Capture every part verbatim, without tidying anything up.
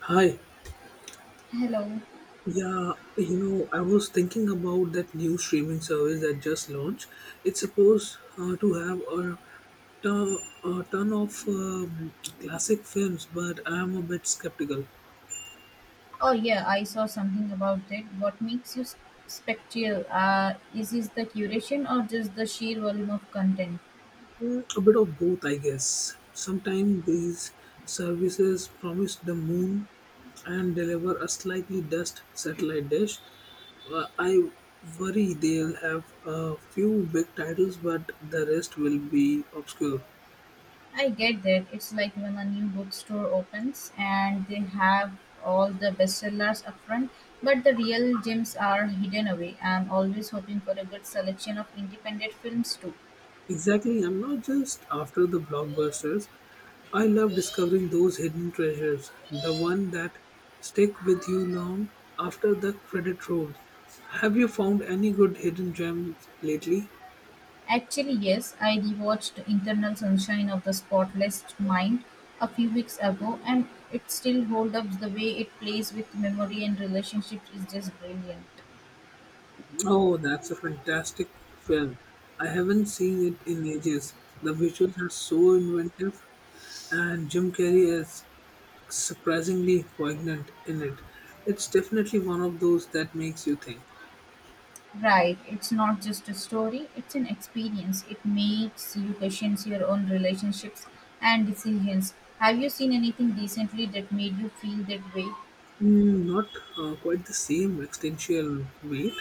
Hi. Hello. Yeah, you know, I was thinking about that new streaming service that just launched. It's supposed uh, to have a ton, a ton of um, classic films, but I'm a bit skeptical. Oh yeah, I saw something about it. What makes you s- spectral? Uh, is it the curation or just the sheer volume of content? Mm, a bit of both, I guess. Sometimes these services promise the moon and deliver a slightly dust satellite dish. Uh, I worry they'll have a few big titles, but the rest will be obscure. I get that. It's like when a new bookstore opens and they have all the bestsellers up front, but the real gems are hidden away. I'm always hoping for a good selection of independent films too. Exactly, I'm not just after the blockbusters. I love discovering those hidden treasures, the one that stick with you long after the credit rolls. Have you found any good hidden gems lately? Actually yes, I rewatched Internal Sunshine of the Spotless Mind a few weeks ago, and it still holds up. The way it plays with memory and relationships is just brilliant. Oh, that's a fantastic film. I haven't seen it in ages. The visuals are so inventive, and Jim Carrey is surprisingly poignant in it. It's definitely one of those that makes you think. Right, it's not just a story, it's an experience. It makes you question your own relationships and decisions. Have you seen anything recently that made you feel that way? Mm, not uh, quite the same existential weight,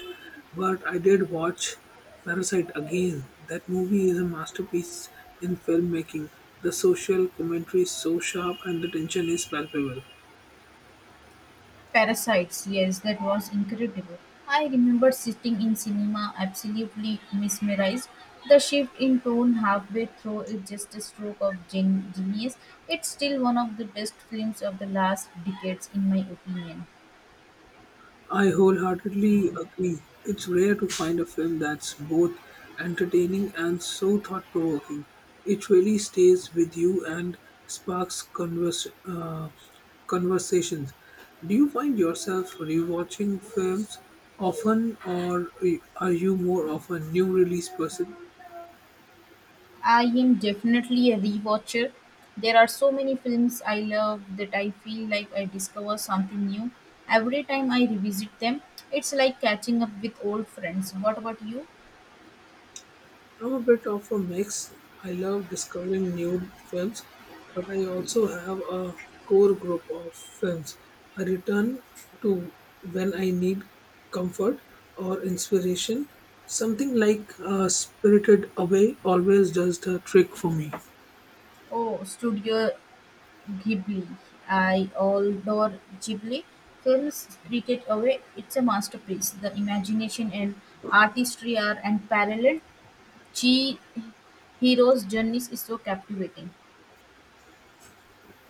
but I did watch Parasite again. That movie is a masterpiece in filmmaking. The social commentary is so sharp and the tension is palpable. Parasites, yes, that was incredible. I remember sitting in cinema absolutely mesmerized. The shift in tone halfway through is just a stroke of gen- genius. It's still one of the best films of the last decades, in my opinion. I wholeheartedly agree. It's rare to find a film that's both entertaining and so thought provoking. It really stays with you and sparks converse, uh, conversations. Do you find yourself rewatching films often, or are you more of a new release person? I am definitely a rewatcher. There are so many films I love that I feel like I discover something new every time I revisit them. It's like catching up with old friends. What about you? I'm a bit of a mix. I love discovering new films, but I also have a core group of films I return to when I need comfort or inspiration. Something like uh, Spirited Away always does the trick for me. Oh, Studio Ghibli, I adore Ghibli films. Spirited Away, it's a masterpiece. The imagination and artistry are unparalleled. Chihiro's journey is so captivating.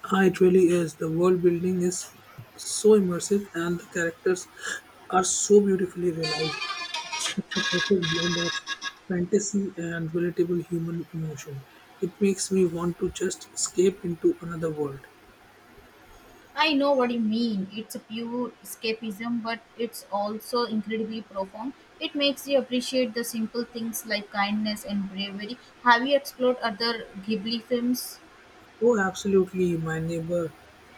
Ah, it really is. The world building is so immersive and the characters are so beautifully realized. It's a perfect blend of fantasy and relatable human emotion. It makes me want to just escape into another world. I know what you mean. It's a pure escapism, but it's also incredibly profound. It makes you appreciate the simple things like kindness and bravery. Have you explored other Ghibli films? Oh, absolutely. My neighbor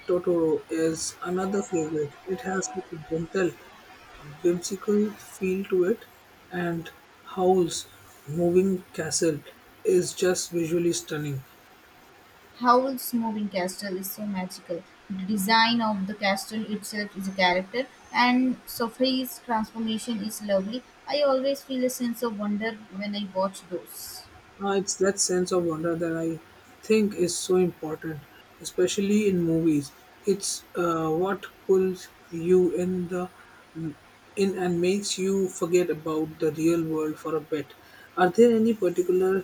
Totoro is another favorite. It has such a gentle, whimsical feel to it, and Howl's moving castle is just visually stunning. Howl's Moving Castle is so magical. The design of the castle itself is a character, and Sophie's transformation is lovely. I always feel a sense of wonder when I watch those. Uh, it's that sense of wonder that I think is so important, especially in movies. It's uh, what pulls you in the in and makes you forget about the real world for a bit. Are there any particular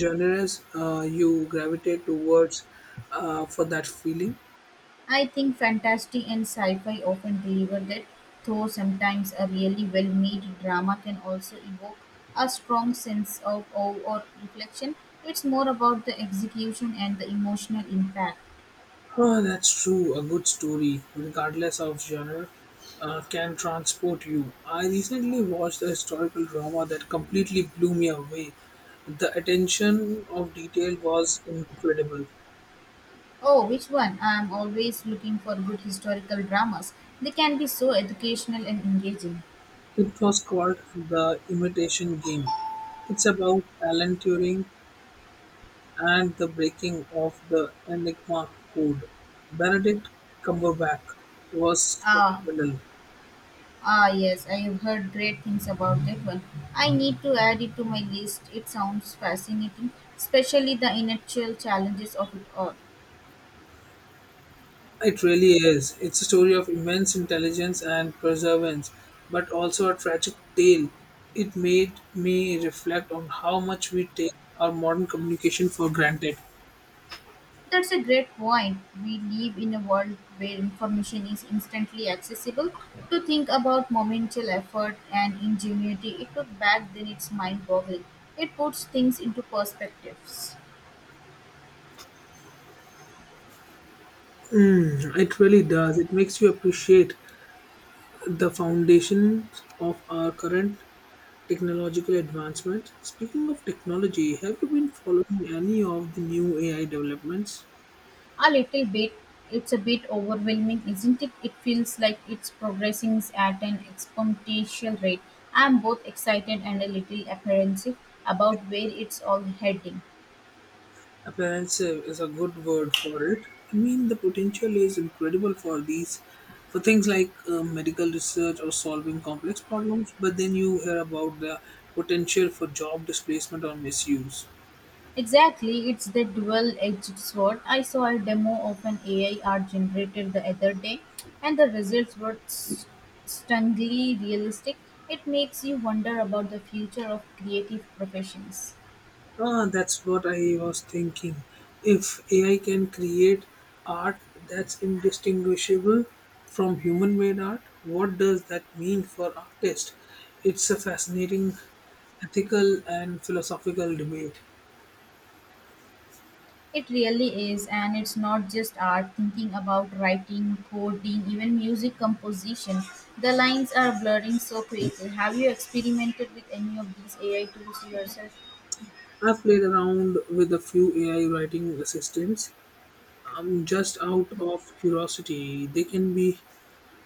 genres uh, you gravitate towards uh, for that feeling? I think fantasy and sci fi often deliver that, though sometimes a really well made drama can also evoke a strong sense of awe or reflection. It's more about the execution and the emotional impact. Oh, that's true. A good story, regardless of genre, uh, can transport you. I recently watched a historical drama that completely blew me away. The attention of detail was incredible. Oh, which one? I am always looking for good historical dramas. They can be so educational and engaging. It was called The Imitation Game. It's about Alan Turing and the breaking of the Enigma code. Benedict Cumberbatch was Ah, phenomenal. ah, yes, I have heard great things about that one. I need to add it to my list. It sounds fascinating, especially the intellectual challenges of it all. It really is. It's a story of immense intelligence and perseverance, but also a tragic tale. It made me reflect on how much we take our modern communication for granted. That's a great point. We live in a world where information is instantly accessible. To think about momental effort and ingenuity it took back then, it's mind boggling. It puts things into perspectives. Mm, it really does. It makes you appreciate the foundations of our current technological advancement. Speaking of technology, have you been following any of the new A I developments? A little bit. It's a bit overwhelming, isn't it? It feels like it's progressing at an exponential rate. I'm both excited and a little apprehensive about where it's all heading. Apprehensive is a good word for it. I mean, the potential is incredible for these, for things like uh, medical research or solving complex problems. But then you hear about the potential for job displacement or misuse. Exactly, it's the dual edged sword. I saw a demo of an A I art generator the other day, and the results were s- stunningly realistic. It makes you wonder about the future of creative professions. Ah, that's what I was thinking. If A I can create art that's indistinguishable from human-made art, what does that mean for artists? It's a fascinating ethical and philosophical debate. It really is, and it's not just art. Thinking about writing, coding, even music composition, the lines are blurring so quickly. Have you experimented with any of these A I tools yourself? I've played around with a few A I writing assistants um, just out of curiosity. They can be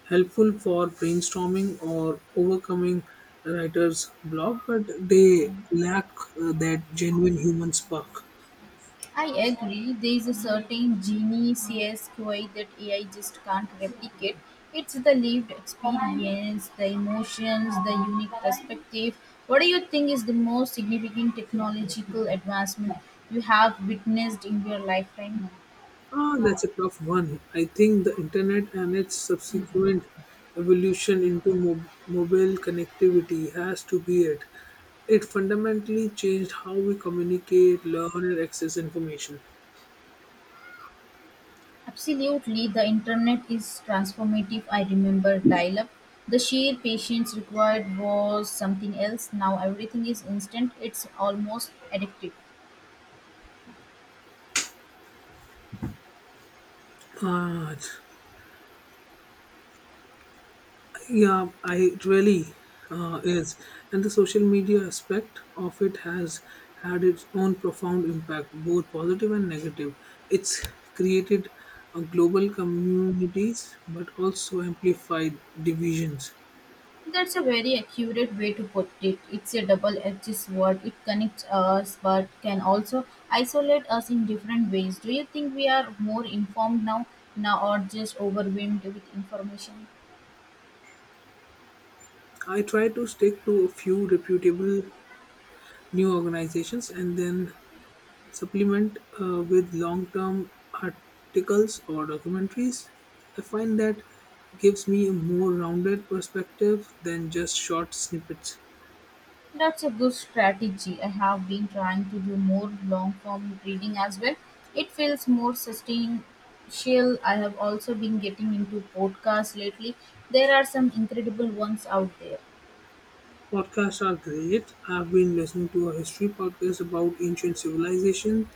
helpful for brainstorming or overcoming a writer's block, but they lack uh, that genuine human spark. I agree, there is a certain genie C S Q I that A I just can't replicate. It's the lived experience, the emotions, the unique perspective. What do you think is the most significant technological advancement you have witnessed in your lifetime? Ah, that's a tough one. I think the internet and its subsequent evolution into mob- mobile connectivity has to be it. It fundamentally changed how we communicate, learn, and access information. Absolutely, the internet is transformative. I remember dial up. The sheer patience required was something else. Now everything is instant, it's almost addictive. Uh, yeah, I really uh, is, and the social media aspect of it has had its own profound impact, both positive and negative. It's created uh, global communities, but also amplified divisions. That's a very accurate way to put it. It's a double edged sword. It connects us but can also isolate us in different ways. Do you think we are more informed now, now or just overwhelmed with information? I try to stick to a few reputable new organizations, and then supplement uh, with long term articles or documentaries. I find that gives me a more rounded perspective than just short snippets. That's a good strategy. I have been trying to do more long form reading as well. It feels more substantial. I have also been getting into podcasts lately. There are some incredible ones out there. Podcasts are great. I've been listening to a history podcast about ancient civilization.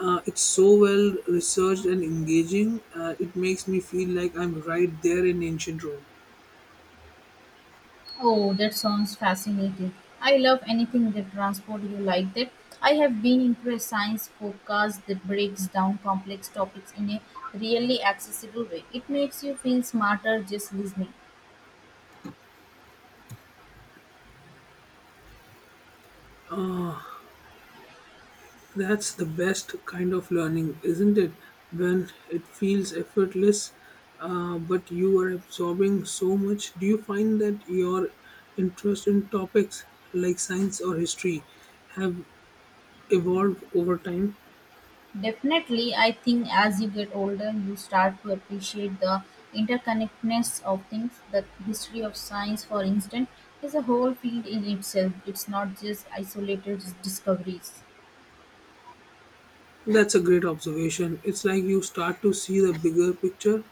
Uh, it's so well researched and engaging. Uh, it makes me feel like I'm right there in ancient Rome. Oh, that sounds fascinating. I love anything that transports you like that. I have been into a science podcast that breaks down complex topics in a really accessible way. It makes you feel smarter just listening. That's the best kind of learning, isn't it? When it feels effortless, uh, but you are absorbing so much. Do you find that your interest in topics like science or history have evolved over time? Definitely, I think as you get older, you start to appreciate the interconnectedness of things. The history of science, for instance, is a whole field in itself. It's not just isolated discoveries. That's a great observation. It's like you start to see the bigger picture.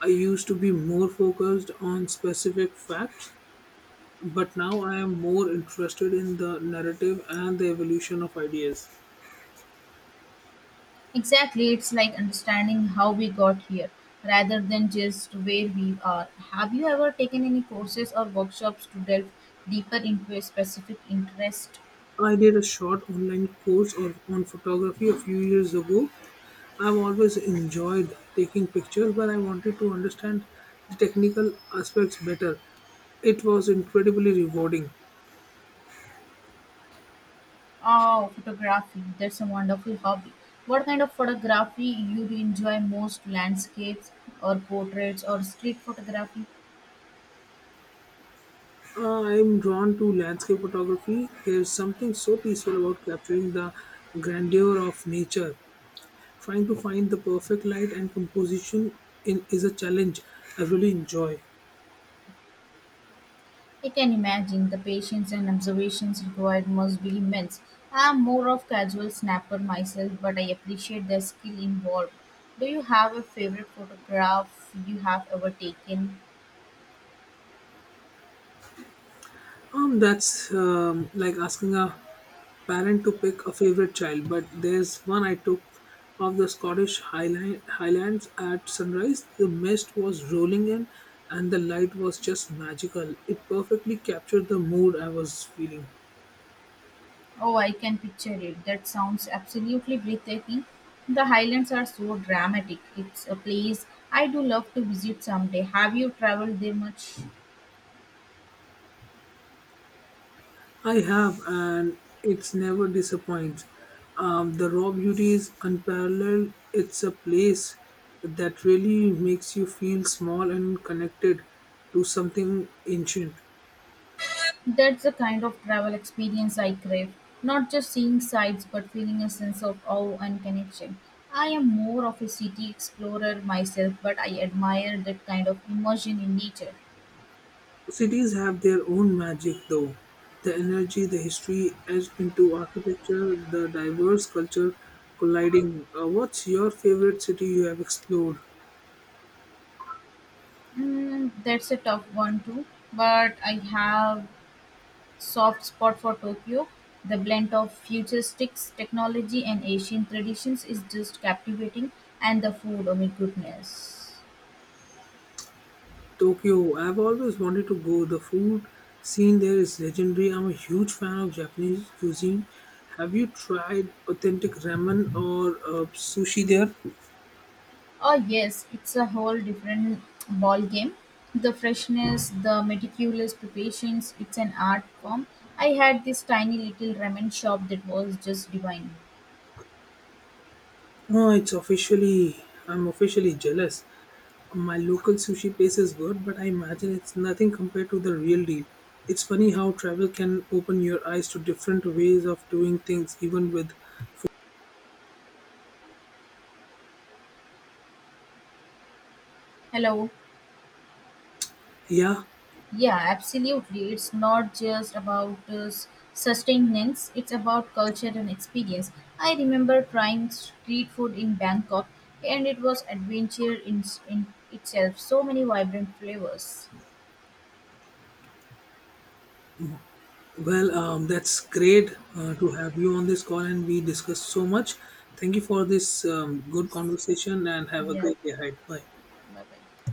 I used to be more focused on specific facts, but now I am more interested in the narrative and the evolution of ideas. Exactly, it's like understanding how we got here rather than just where we are. Have you ever taken any courses or workshops to delve deeper into a specific interest? I did a short online course on, on photography a few years ago. I've always enjoyed taking pictures, but I wanted to understand the technical aspects better. It was incredibly rewarding. Oh, photography. That's a wonderful hobby. What kind of photography you enjoy most? Landscapes or portraits or street photography? Uh, I'm drawn to landscape photography. There's something so peaceful about capturing the grandeur of nature. Trying to find the perfect light and composition in, is a challenge I really enjoy. I can imagine the patience and observations required must be immense. I'm more of casual snapper myself, but I appreciate the skill involved. Do you have a favorite photograph you have ever taken? Um, that's um, like asking a parent to pick a favorite child. But there's one I took of the Scottish Highland, Highlands at sunrise. The mist was rolling in, and the light was just magical. It perfectly captured the mood I was feeling. Oh, I can picture it. That sounds absolutely breathtaking. The highlands are so dramatic. It's a place I do love to visit someday. Have you traveled there much? I have, and it's never disappoints. Um, the raw beauty is unparalleled. It's a place that really makes you feel small and connected to something ancient. That's the kind of travel experience I crave. Not just seeing sights, but feeling a sense of awe and connection. I am more of a city explorer myself, but I admire that kind of immersion in nature. Cities have their own magic though. The energy, the history etched into architecture, the diverse culture colliding. Uh, what's your favorite city you have explored? Mm, that's a tough one too, but I have soft spot for Tokyo. The blend of futuristic technology and Asian traditions is just captivating, and the food, oh my goodness. Tokyo. I've always wanted to go. The food scene there is legendary. I'm a huge fan of Japanese cuisine. Have you tried authentic ramen or uh, sushi there? Oh yes, it's a whole different ball game. The freshness, the meticulous preparations, it's an art form. I had this tiny little ramen shop that was just divine. Oh, it's officially, I'm officially jealous. My local sushi place is good, but I imagine it's nothing compared to the real deal. It's funny how travel can open your eyes to different ways of doing things, even with food. Hello. Yeah, Yeah, absolutely. It's not just about uh, s- sustenance, it's about culture and experience. I remember trying street food in Bangkok, and it was adventure in, in itself. So many vibrant flavors. well, um, that's great uh, to have you on this call, and we discussed so much. Thank you for this um, good conversation, and have a Yeah, great day ahead. Bye. bye bye.